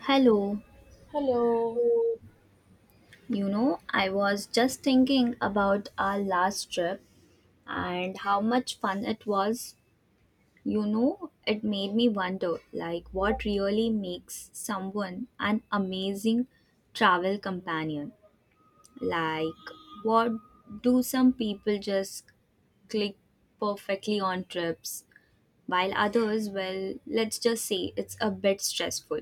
Hello, Hello. I was just thinking about our last trip and how much fun it was. You know, it made me wonder, like, what really makes someone an amazing travel companion. Like, what do some people just click perfectly on trips while others, well, let's just say it's a bit stressful.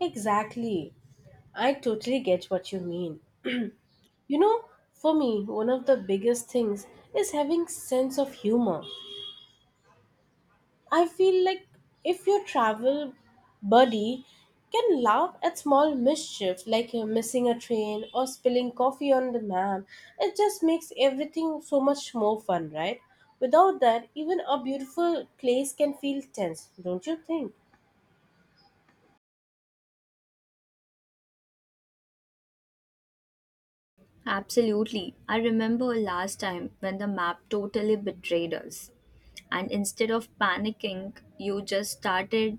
Exactly. I totally get what you mean. You know, for me, one of the biggest things is having sense of humor. I feel like if your travel buddy can laugh at small mischief like missing a train or spilling coffee on the map, it just makes everything so much more fun, right? Without that, even a beautiful place can feel tense, don't you think? Absolutely. I remember last time when the map totally betrayed us. And instead of panicking, you just started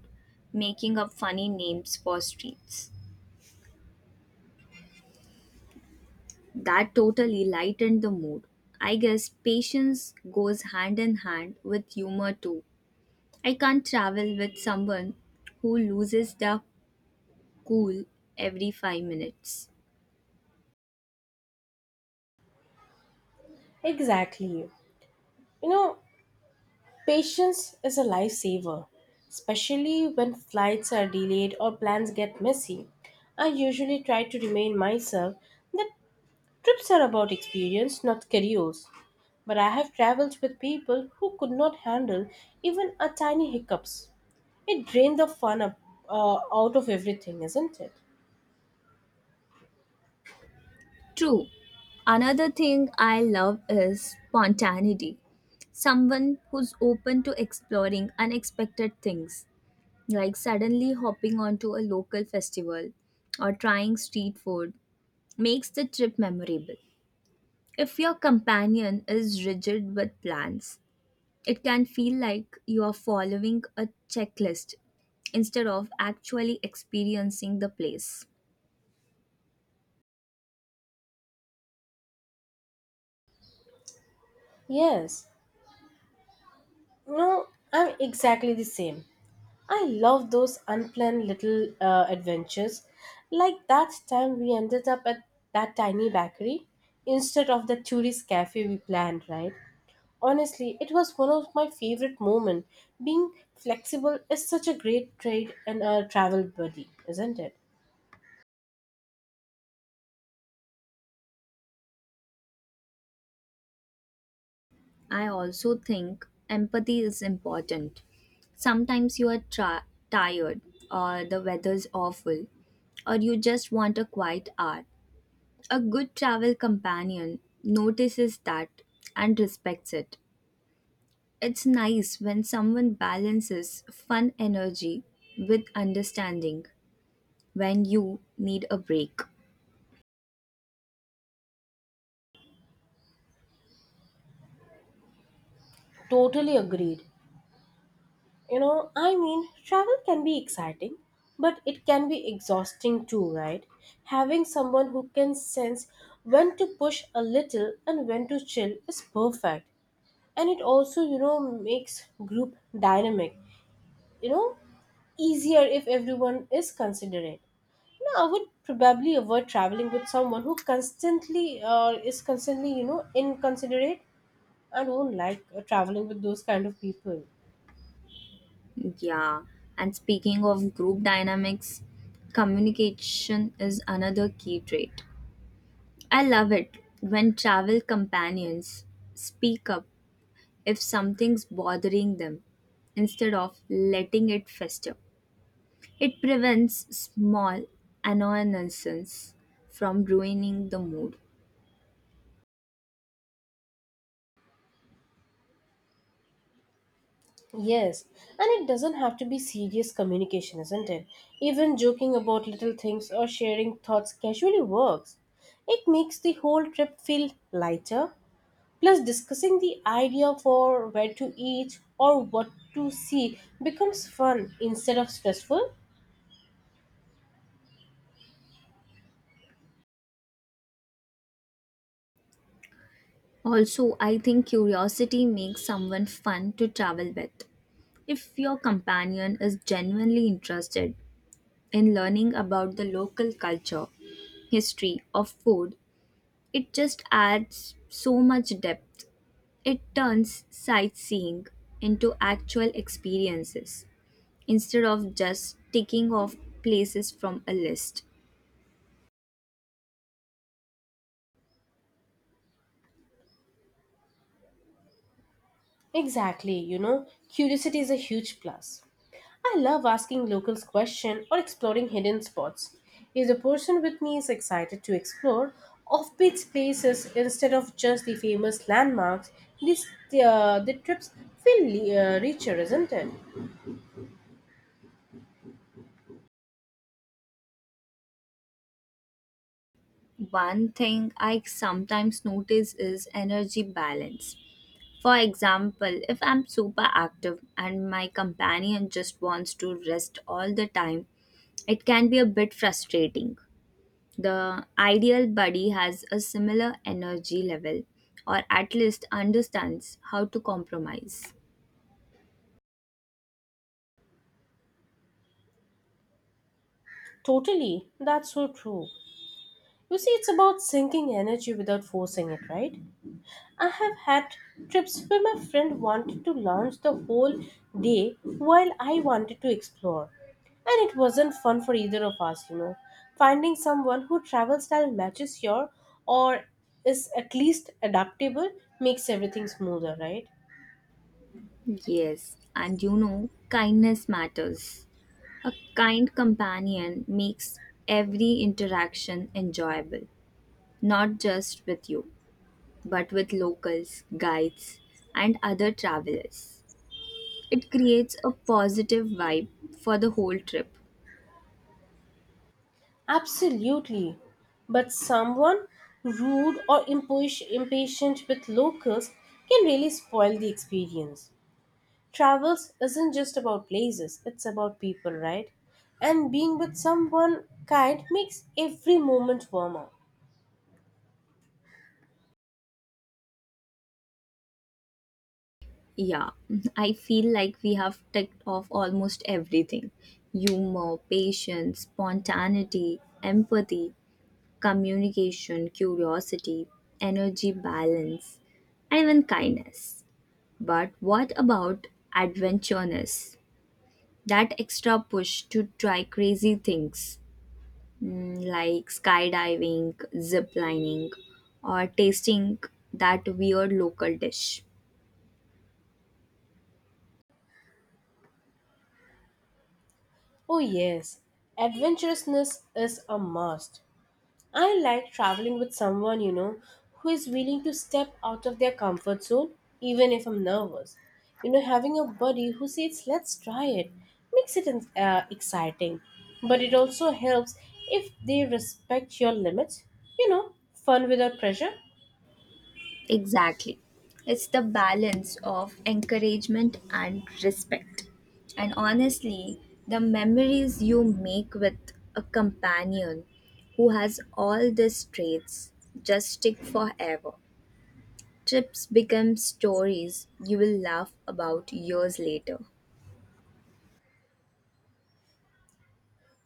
making up funny names for streets. That totally lightened the mood. I guess patience goes hand in hand with humor too. I can't travel with someone who loses their cool every 5 minutes. Exactly. You know, patience is a lifesaver, especially when flights are delayed or plans get messy. I usually try to remind myself that trips are about experience, not schedules. But I have traveled with people who could not handle even a tiny hiccups. It drained the fun up, out of everything, isn't it? True. Another thing I love is spontaneity. Someone who's open to exploring unexpected things, like suddenly hopping onto a local festival or trying street food, makes the trip memorable. If your companion is rigid with plans, it can feel like you are following a checklist instead of actually experiencing the place. Yes. No, I'm exactly the same. I love those unplanned little adventures, like that time we ended up at that tiny bakery instead of the tourist cafe we planned, right? Honestly, it was one of my favorite moments. Being flexible is such a great trade in a travel buddy, isn't it? I also think empathy is important. Sometimes you are tired, or the weather's awful, or you just want a quiet hour. A good travel companion notices that and respects it. It's nice when someone balances fun energy with understanding when you need a break. Totally agreed. You know, I mean, travel can be exciting, but it can be exhausting too, right? Having someone who can sense when to push a little and when to chill is perfect. And it also, you know, makes group dynamic, you know, easier if everyone is considerate. No, I would probably avoid traveling with someone who constantly is constantly, you know, inconsiderate. I don't like traveling with those kind of people. Yeah, and speaking of group dynamics, communication is another key trait. I love it when travel companions speak up if something's bothering them instead of letting it fester. It prevents small annoyances from ruining the mood. Yes, and it doesn't have to be serious communication, isn't it? Even joking about little things or sharing thoughts casually works. It makes the whole trip feel lighter. Plus, discussing the idea for where to eat or what to see becomes fun instead of stressful. Also, I think curiosity makes someone fun to travel with. If your companion is genuinely interested in learning about the local culture, history, or food, it just adds so much depth. It turns sightseeing into actual experiences instead of just ticking off places from a list. Exactly, you know, curiosity is a huge plus. I love asking locals questions or exploring hidden spots. If the person with me is excited to explore offbeat places instead of just the famous landmarks, the trips feel richer, isn't it? One thing I sometimes notice is energy balance. For example, if I'm super active and my companion just wants to rest all the time, it can be a bit frustrating. The ideal buddy has a similar energy level or at least understands how to compromise. Totally, that's so true. You see, it's about sinking energy without forcing it, right? I have had trips where my friend wanted to lounge the whole day while I wanted to explore. And it wasn't fun for either of us, you know. Finding someone who travel style matches your or is at least adaptable makes everything smoother, right? Yes, and you know, kindness matters. A kind companion makes every interaction enjoyable, not just with you, but with locals, guides, and other travelers. It creates a positive vibe for the whole trip. Absolutely. But someone rude or impatient with locals can really spoil the experience. Travels isn't just about places, it's about people, right? And being with someone kind makes every moment warmer. Yeah, I feel like we have ticked off almost everything: humor, patience, spontaneity, empathy, communication, curiosity, energy balance, and even kindness. But what about adventureness? That extra push to try crazy things, like skydiving, ziplining, or tasting that weird local dish. Oh, yes, adventurousness is a must. I like traveling with someone, you know, who is willing to step out of their comfort zone, even if I'm nervous. You know, having a buddy who says, let's try it, makes it exciting. But it also helps if they respect your limits, you know, fun without pressure. Exactly. It's the balance of encouragement and respect. And honestly, the memories you make with a companion who has all these traits just stick forever. Trips become stories you will laugh about years later.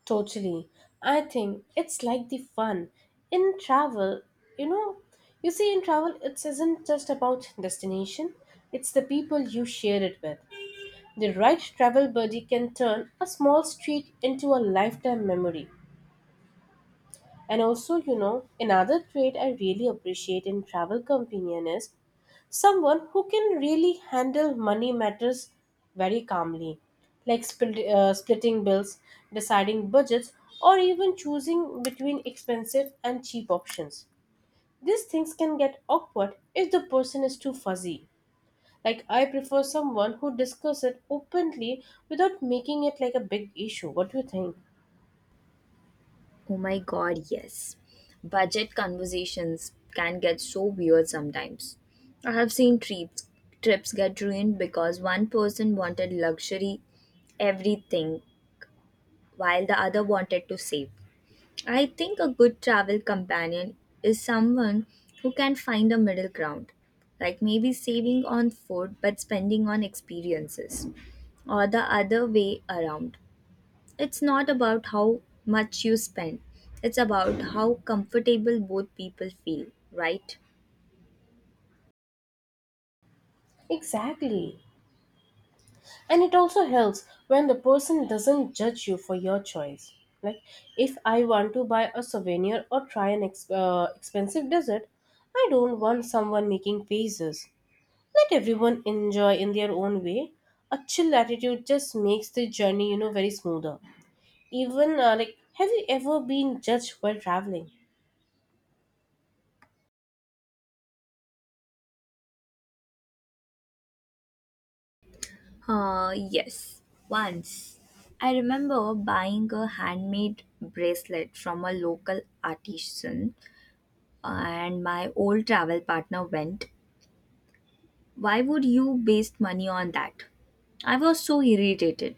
Totally. I think it's like the fun in travel. You know, you see, in travel, it isn't just about destination, it's the people you share it with. The right travel buddy can turn a small street into a lifetime memory. And also, you know, another trait I really appreciate in travel companion is someone who can really handle money matters very calmly, like splitting bills, deciding budgets, or even choosing between expensive and cheap options. These things can get awkward if the person is too fuzzy. Like I prefer someone who discusses it openly without making it like a big issue. What do you think? Oh my god, yes. Budget conversations can get so weird sometimes. I have seen trips get ruined because one person wanted luxury everything while the other wanted to save. I think a good travel companion is someone who can find a middle ground, like maybe saving on food but spending on experiences, or the other way around. It's not about how much you spend, it's about how comfortable both people feel, right? Exactly. And it also helps when the person doesn't judge you for your choice, like if I want to buy a souvenir or try an expensive dessert, I don't want someone making faces. Let everyone enjoy in their own way. A chill attitude just makes the journey, you know, very smoother. Even like, have you ever been judged while traveling? Yes. Once, I remember buying a handmade bracelet from a local artisan, and my old travel partner went, "Why would you waste money on that?" I was so irritated.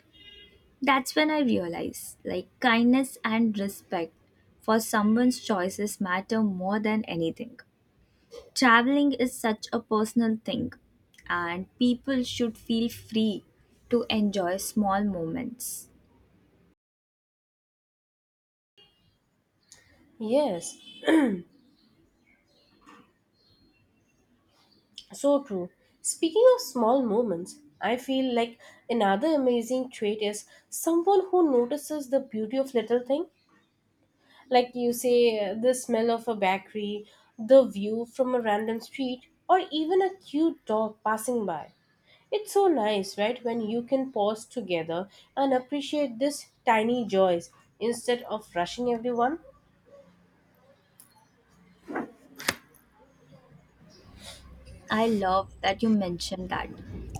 That's when I realized, like, kindness and respect for someone's choices matter more than anything. Traveling is such a personal thing, and people should feel free to enjoy small moments. Yes. So true. Speaking of small moments, I feel like another amazing trait is someone who notices the beauty of little thing. Like you say, the smell of a bakery, the view from a random street, or even a cute dog passing by. It's so nice, right, when you can pause together and appreciate these tiny joys instead of rushing everyone. I love that you mentioned that.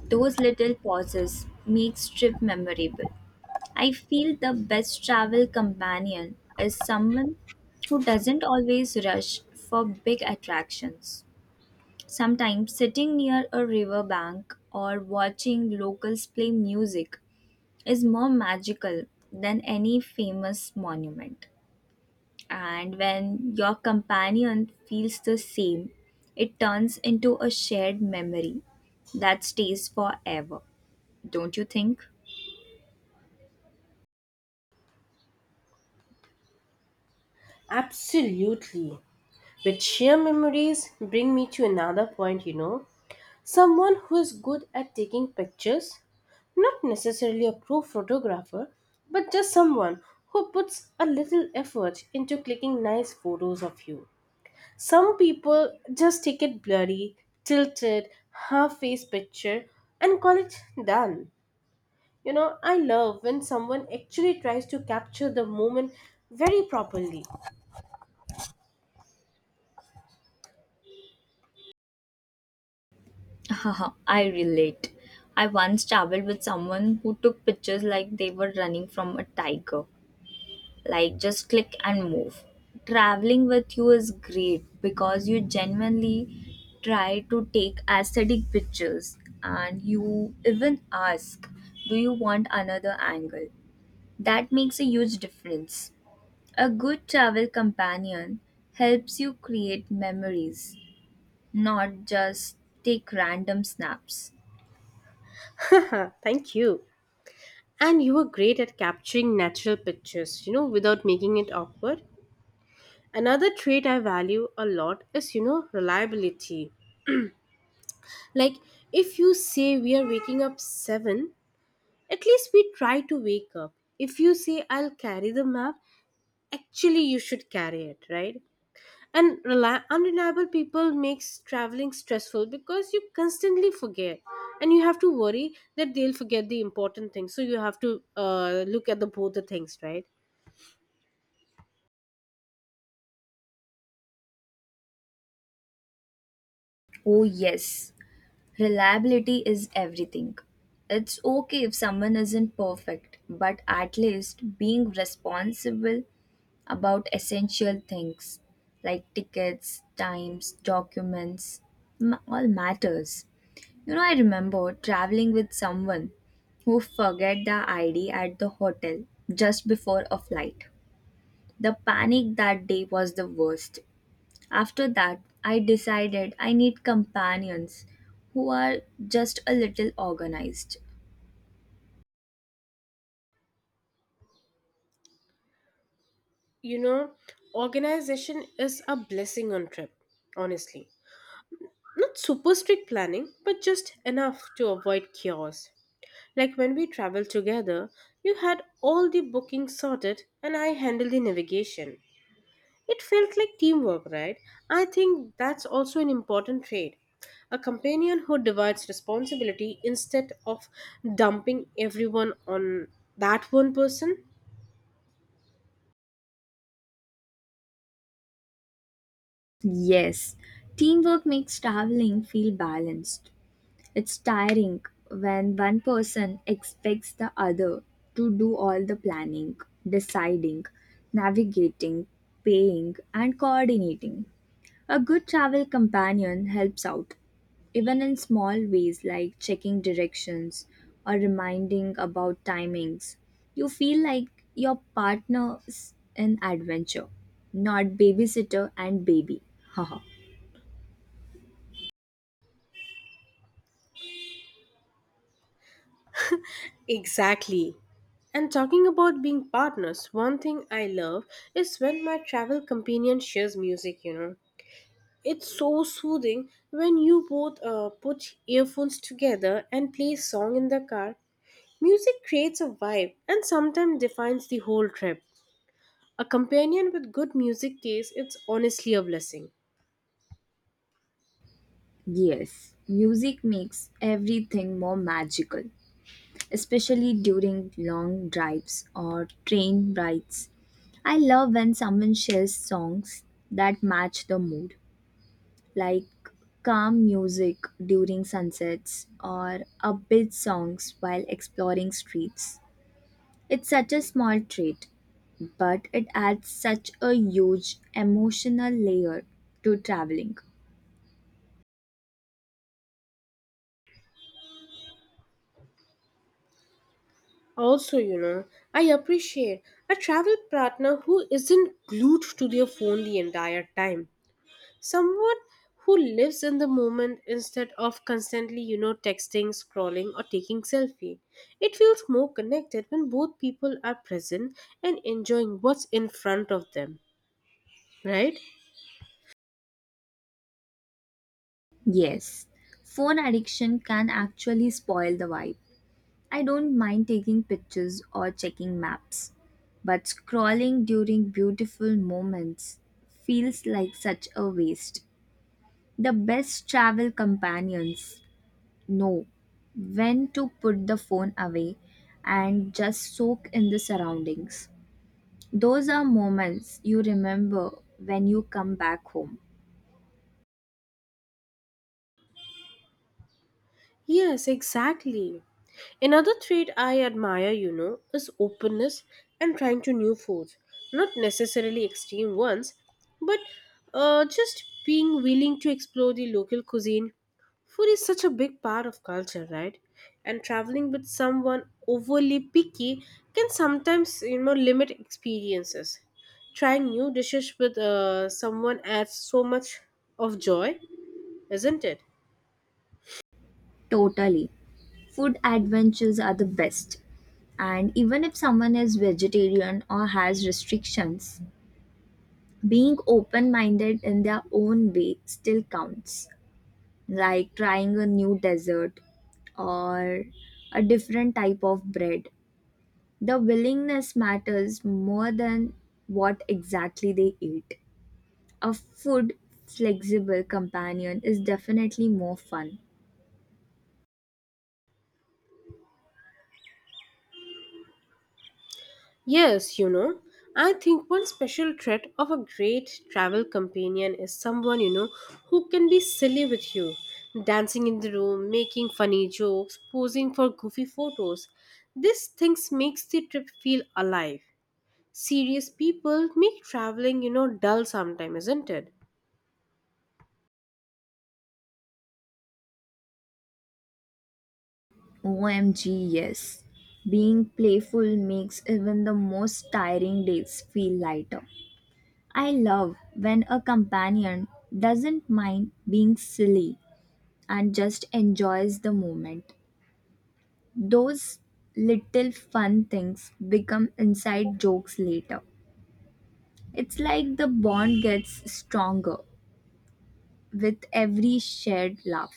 Those little pauses makes trip memorable. I feel the best travel companion is someone who doesn't always rush for big attractions. Sometimes sitting near a riverbank or watching locals play music is more magical than any famous monument. And when your companion feels the same, it turns into a shared memory that stays forever, don't you think? Absolutely. But sheer memories bring me to another point, you know. Someone who is good at taking pictures, not necessarily a pro photographer, but just someone who puts a little effort into clicking nice photos of you. Some people just take it blurry, tilted, half face picture and call it done. You know, I love when someone actually tries to capture the moment very properly. Haha, I relate. I once traveled with someone who took pictures like they were running from a tiger. Like, just click and move. Traveling with you is great because you genuinely try to take aesthetic pictures and you even ask, "Do you want another angle?" That makes a huge difference. A good travel companion helps you create memories, not just take random snaps. Thank you. And you were great at capturing natural pictures, you know, without making it awkward. Another trait I value a lot is, you know, reliability. Like, if you say we are waking up 7, at least we try to wake up. If you say I'll carry the map, actually you should carry it, right? And unreliable people makes traveling stressful because you constantly forget and you have to worry that they'll forget the important things. So you have to look at the both the things, right? Oh, yes. Reliability is everything. It's okay if someone isn't perfect, but at least being responsible about essential things like tickets, times, documents, all matters. You know, I remember traveling with someone who forget the ID at the hotel just before a flight. The panic that day was the worst. After that, I decided I need companions who are just a little organized. You know, organization is a blessing on trip, honestly. Not super strict planning, but just enough to avoid chaos. Like when we traveled together, you had all the bookings sorted and I handled the navigation. It felt like teamwork, right? I think that's also an important trait. A companion who divides responsibility instead of dumping everyone on that one person. Yes, teamwork makes traveling feel balanced. It's tiring when one person expects the other to do all the planning, deciding, navigating, paying, and coordinating. A good travel companion helps out, even in small ways like checking directions or reminding about timings. You feel like your partner is an adventure, not babysitter and baby. Haha. Exactly. And talking about being partners, one thing I love is when my travel companion shares music, you know. It's so soothing when you both put earphones together and play a song in the car. Music creates a vibe and sometimes defines the whole trip. A companion with good music taste, it's honestly a blessing. Yes, music makes everything more magical, especially during long drives or train rides. I love when someone shares songs that match the mood, like calm music during sunsets or upbeat songs while exploring streets. It's such a small trait, but it adds such a huge emotional layer to traveling. Also, you know, I appreciate a travel partner who isn't glued to their phone the entire time. Someone who lives in the moment instead of constantly, you know, texting, scrolling, or taking selfie. It feels more connected when both people are present and enjoying what's in front of them, right? Yes, phone addiction can actually spoil the vibe. I don't mind taking pictures or checking maps, but scrolling during beautiful moments feels like such a waste. The best travel companions know when to put the phone away and just soak in the surroundings. Those are moments you remember when you come back home. Yes, exactly. Another trait I admire, you know, is openness and trying to new foods. Not necessarily extreme ones, but just being willing to explore the local cuisine. Food is such a big part of culture, right? And traveling with someone overly picky can sometimes, you know, limit experiences. Trying new dishes with someone adds so much of joy, isn't it? Totally. Food adventures are the best. And even if someone is vegetarian or has restrictions, being open minded in their own way still counts. Like trying a new dessert or a different type of bread. The willingness matters more than what exactly they eat. A food flexible companion is definitely more fun. Yes, you know, I think one special trait of a great travel companion is someone, you know, who can be silly with you, dancing in the room, making funny jokes, posing for goofy photos. These things makes the trip feel alive. Serious people make traveling, you know, dull sometimes, isn't it? OMG, yes. Being playful makes even the most tiring days feel lighter. I love when a companion doesn't mind being silly and just enjoys the moment. Those little fun things become inside jokes later. It's like the bond gets stronger with every shared laugh.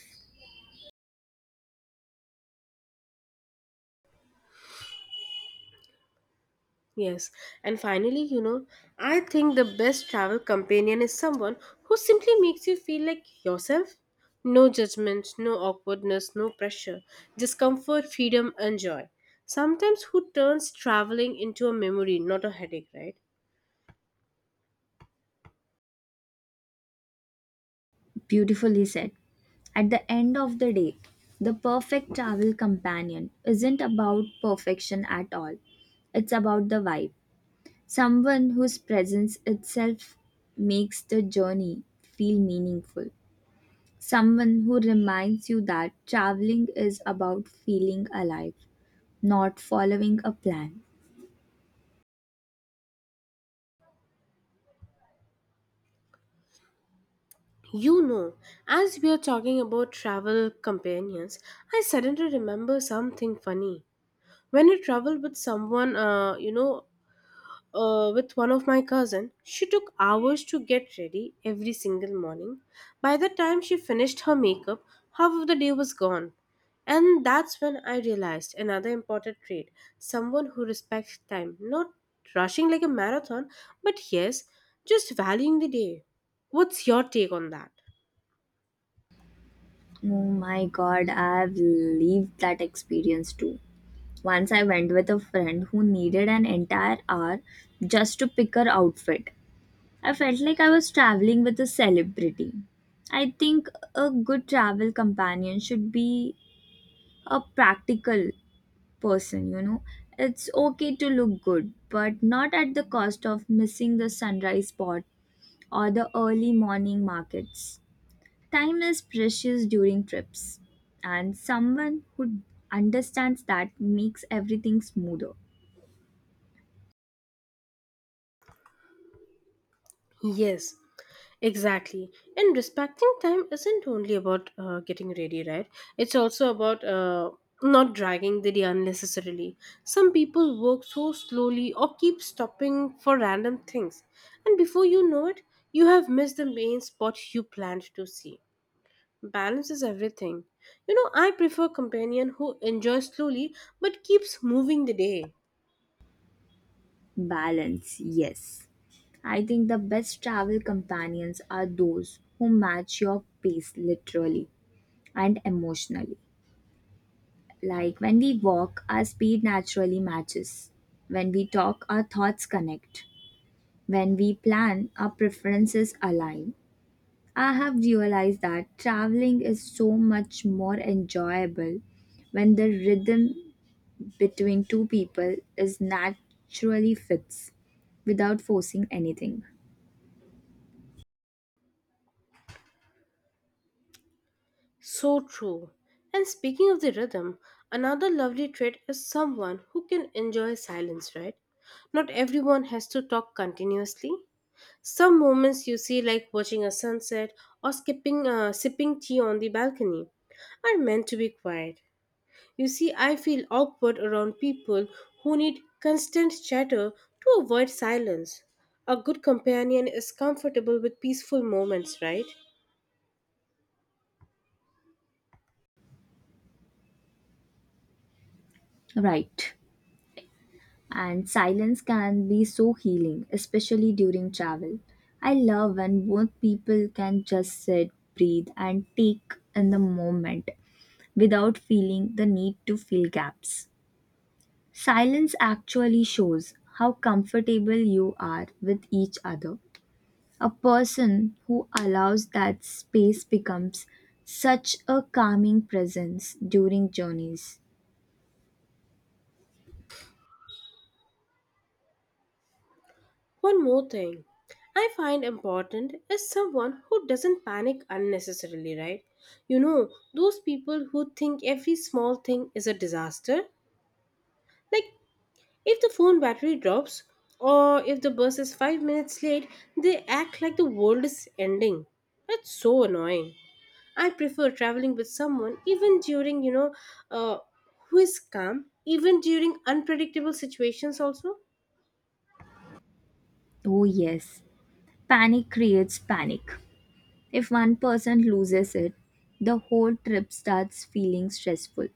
Yes, and finally, you know, I think the best travel companion is someone who simply makes you feel like yourself. No judgment, no awkwardness, no pressure, just comfort, freedom, and joy. Sometimes who turns traveling into a memory, not a headache, right? Beautifully said. At the end of the day, the perfect travel companion isn't about perfection at all. It's about the vibe. Someone whose presence itself makes the journey feel meaningful. Someone who reminds you that traveling is about feeling alive, not following a plan. You know, as we are talking about travel companions, I suddenly remember something funny. When I travel with someone, with one of my cousin, she took hours to get ready every single morning. By the time she finished her makeup, half of the day was gone. And that's when I realized another important trait, someone who respects time, not rushing like a marathon, but yes, just valuing the day. What's your take on that? Oh my god, I've lived that experience too. Once I went with a friend who needed an entire hour just to pick her outfit. I felt like I was traveling with a celebrity. I think a good travel companion should be a practical person, you know. It's okay to look good, but not at the cost of missing the sunrise spot or the early morning markets. Time is precious during trips, and someone who understands that makes everything smoother. Yes. Exactly. And respecting time isn't only about getting ready, right? It's also about not dragging the day unnecessarily. Some people work so slowly or keep stopping for random things. And before you know it, you have missed the main spot you planned to see. Balance is everything. You know, I prefer companion who enjoys slowly but keeps moving the day. Balance, yes. I think the best travel companions are those who match your pace, literally and emotionally. Like when we walk, our speed naturally matches. When we talk, our thoughts connect. When we plan, our preferences align. I have realized that traveling is so much more enjoyable when the rhythm between two people is naturally fits without forcing anything. So true. And speaking of the rhythm, another lovely trait is someone who can enjoy silence, right? Not everyone has to talk continuously. Some moments, you see, like watching a sunset or sipping tea on the balcony, are meant to be quiet. You see, I feel awkward around people who need constant chatter to avoid silence. A good companion is comfortable with peaceful moments, right? Right. And silence can be so healing, especially during travel. I love when both people can just sit, breathe, and take in the moment without feeling the need to fill gaps. Silence actually shows how comfortable you are with each other. A person who allows that space becomes such a calming presence during journeys. One more thing I find important is someone who doesn't panic unnecessarily, right? You know, those people who think every small thing is a disaster. Like, if the phone battery drops or if the bus is 5 minutes late, they act like the world is ending. That's so annoying. I prefer traveling with someone even during, you know, uh, who is calm, even during unpredictable situations, also. Oh, yes, panic creates panic. If one person loses it, the whole trip starts feeling stressful.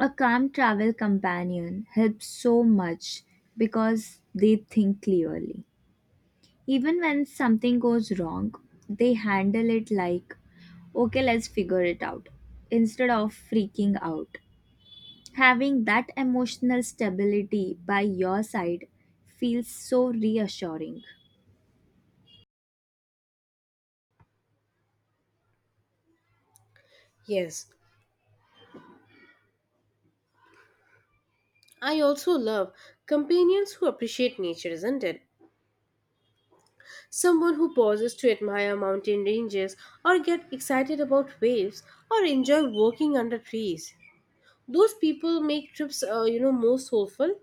A calm travel companion helps so much because they think clearly. Even when something goes wrong, they handle it like, "Okay, let's figure it out," instead of freaking out. Having that emotional stability by your side feels so reassuring. Yes, I also love companions who appreciate nature, isn't it? Someone who pauses to admire mountain ranges or get excited about waves or enjoy walking under trees. Those people make trips, you know, more soulful.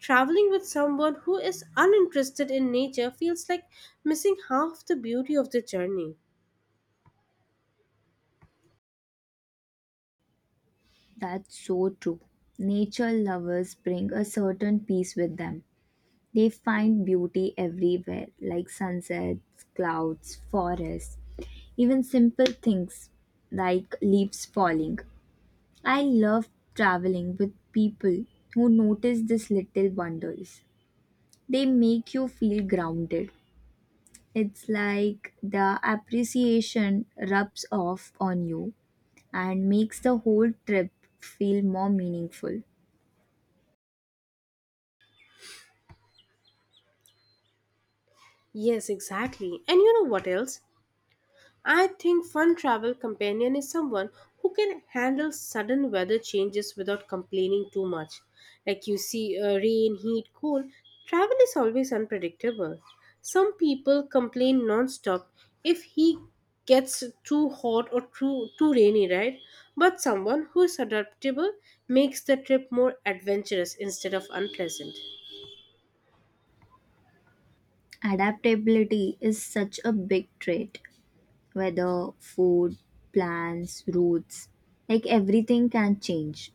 Traveling with someone who is uninterested in nature feels like missing half the beauty of the journey. That's so true. Nature lovers bring a certain peace with them. They find beauty everywhere, like sunsets, clouds, forests, even simple things like leaves falling. I love traveling with people who notice these little wonders. They make you feel grounded. It's like the appreciation rubs off on you and makes the whole trip feel more meaningful. Yes, exactly. And you know what else? I think fun travel companion is someone who can handle sudden weather changes without complaining too much. Like you see, rain, heat, cold, travel is always unpredictable. Some people complain non-stop if he gets too hot or too rainy, right? But someone who is adaptable makes the trip more adventurous instead of unpleasant. Adaptability is such a big trait, whether food, plans, routes, like everything can change.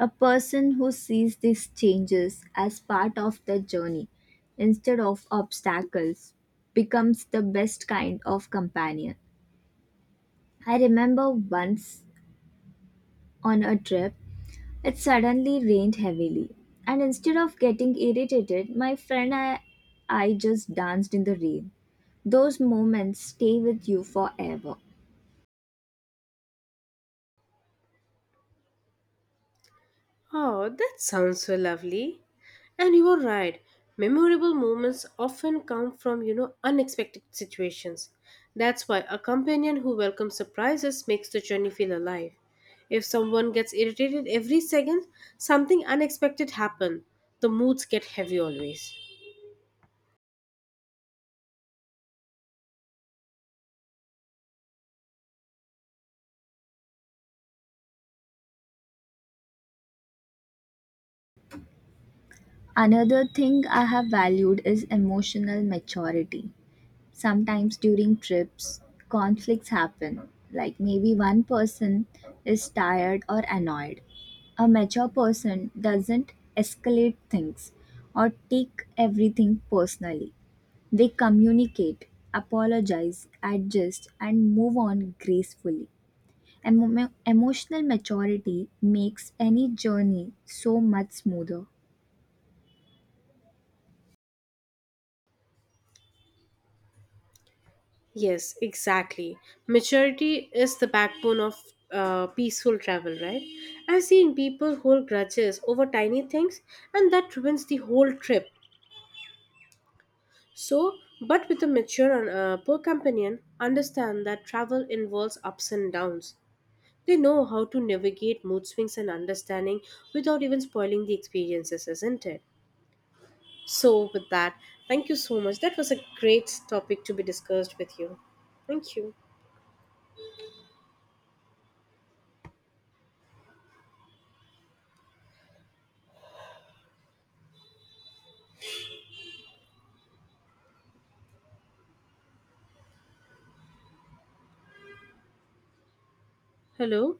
A person who sees these changes as part of the journey instead of obstacles becomes the best kind of companion. I remember once on a trip, it suddenly rained heavily, and instead of getting irritated, my friend and I just danced in the rain. Those moments stay with you forever. Oh, that sounds so lovely. And you are right. Memorable moments often come from, you know, unexpected situations. That's why a companion who welcomes surprises makes the journey feel alive. If someone gets irritated every second, something unexpected happens. The moods get heavy always. Another thing I have valued is emotional maturity. Sometimes during trips, conflicts happen, like maybe one person is tired or annoyed. A mature person doesn't escalate things or take everything personally. They communicate, apologize, adjust, and move on gracefully. Emotional maturity makes any journey so much smoother. Yes, exactly. Maturity is the backbone of peaceful travel, right? I've seen people hold grudges over tiny things, and that ruins the whole trip. So, but with a mature poor companion, understand that travel involves ups and downs. They know how to navigate mood swings and understanding without even spoiling the experiences, isn't it? So, with that, thank you so much. That was a great topic to be discussed with you. Thank you. Hello?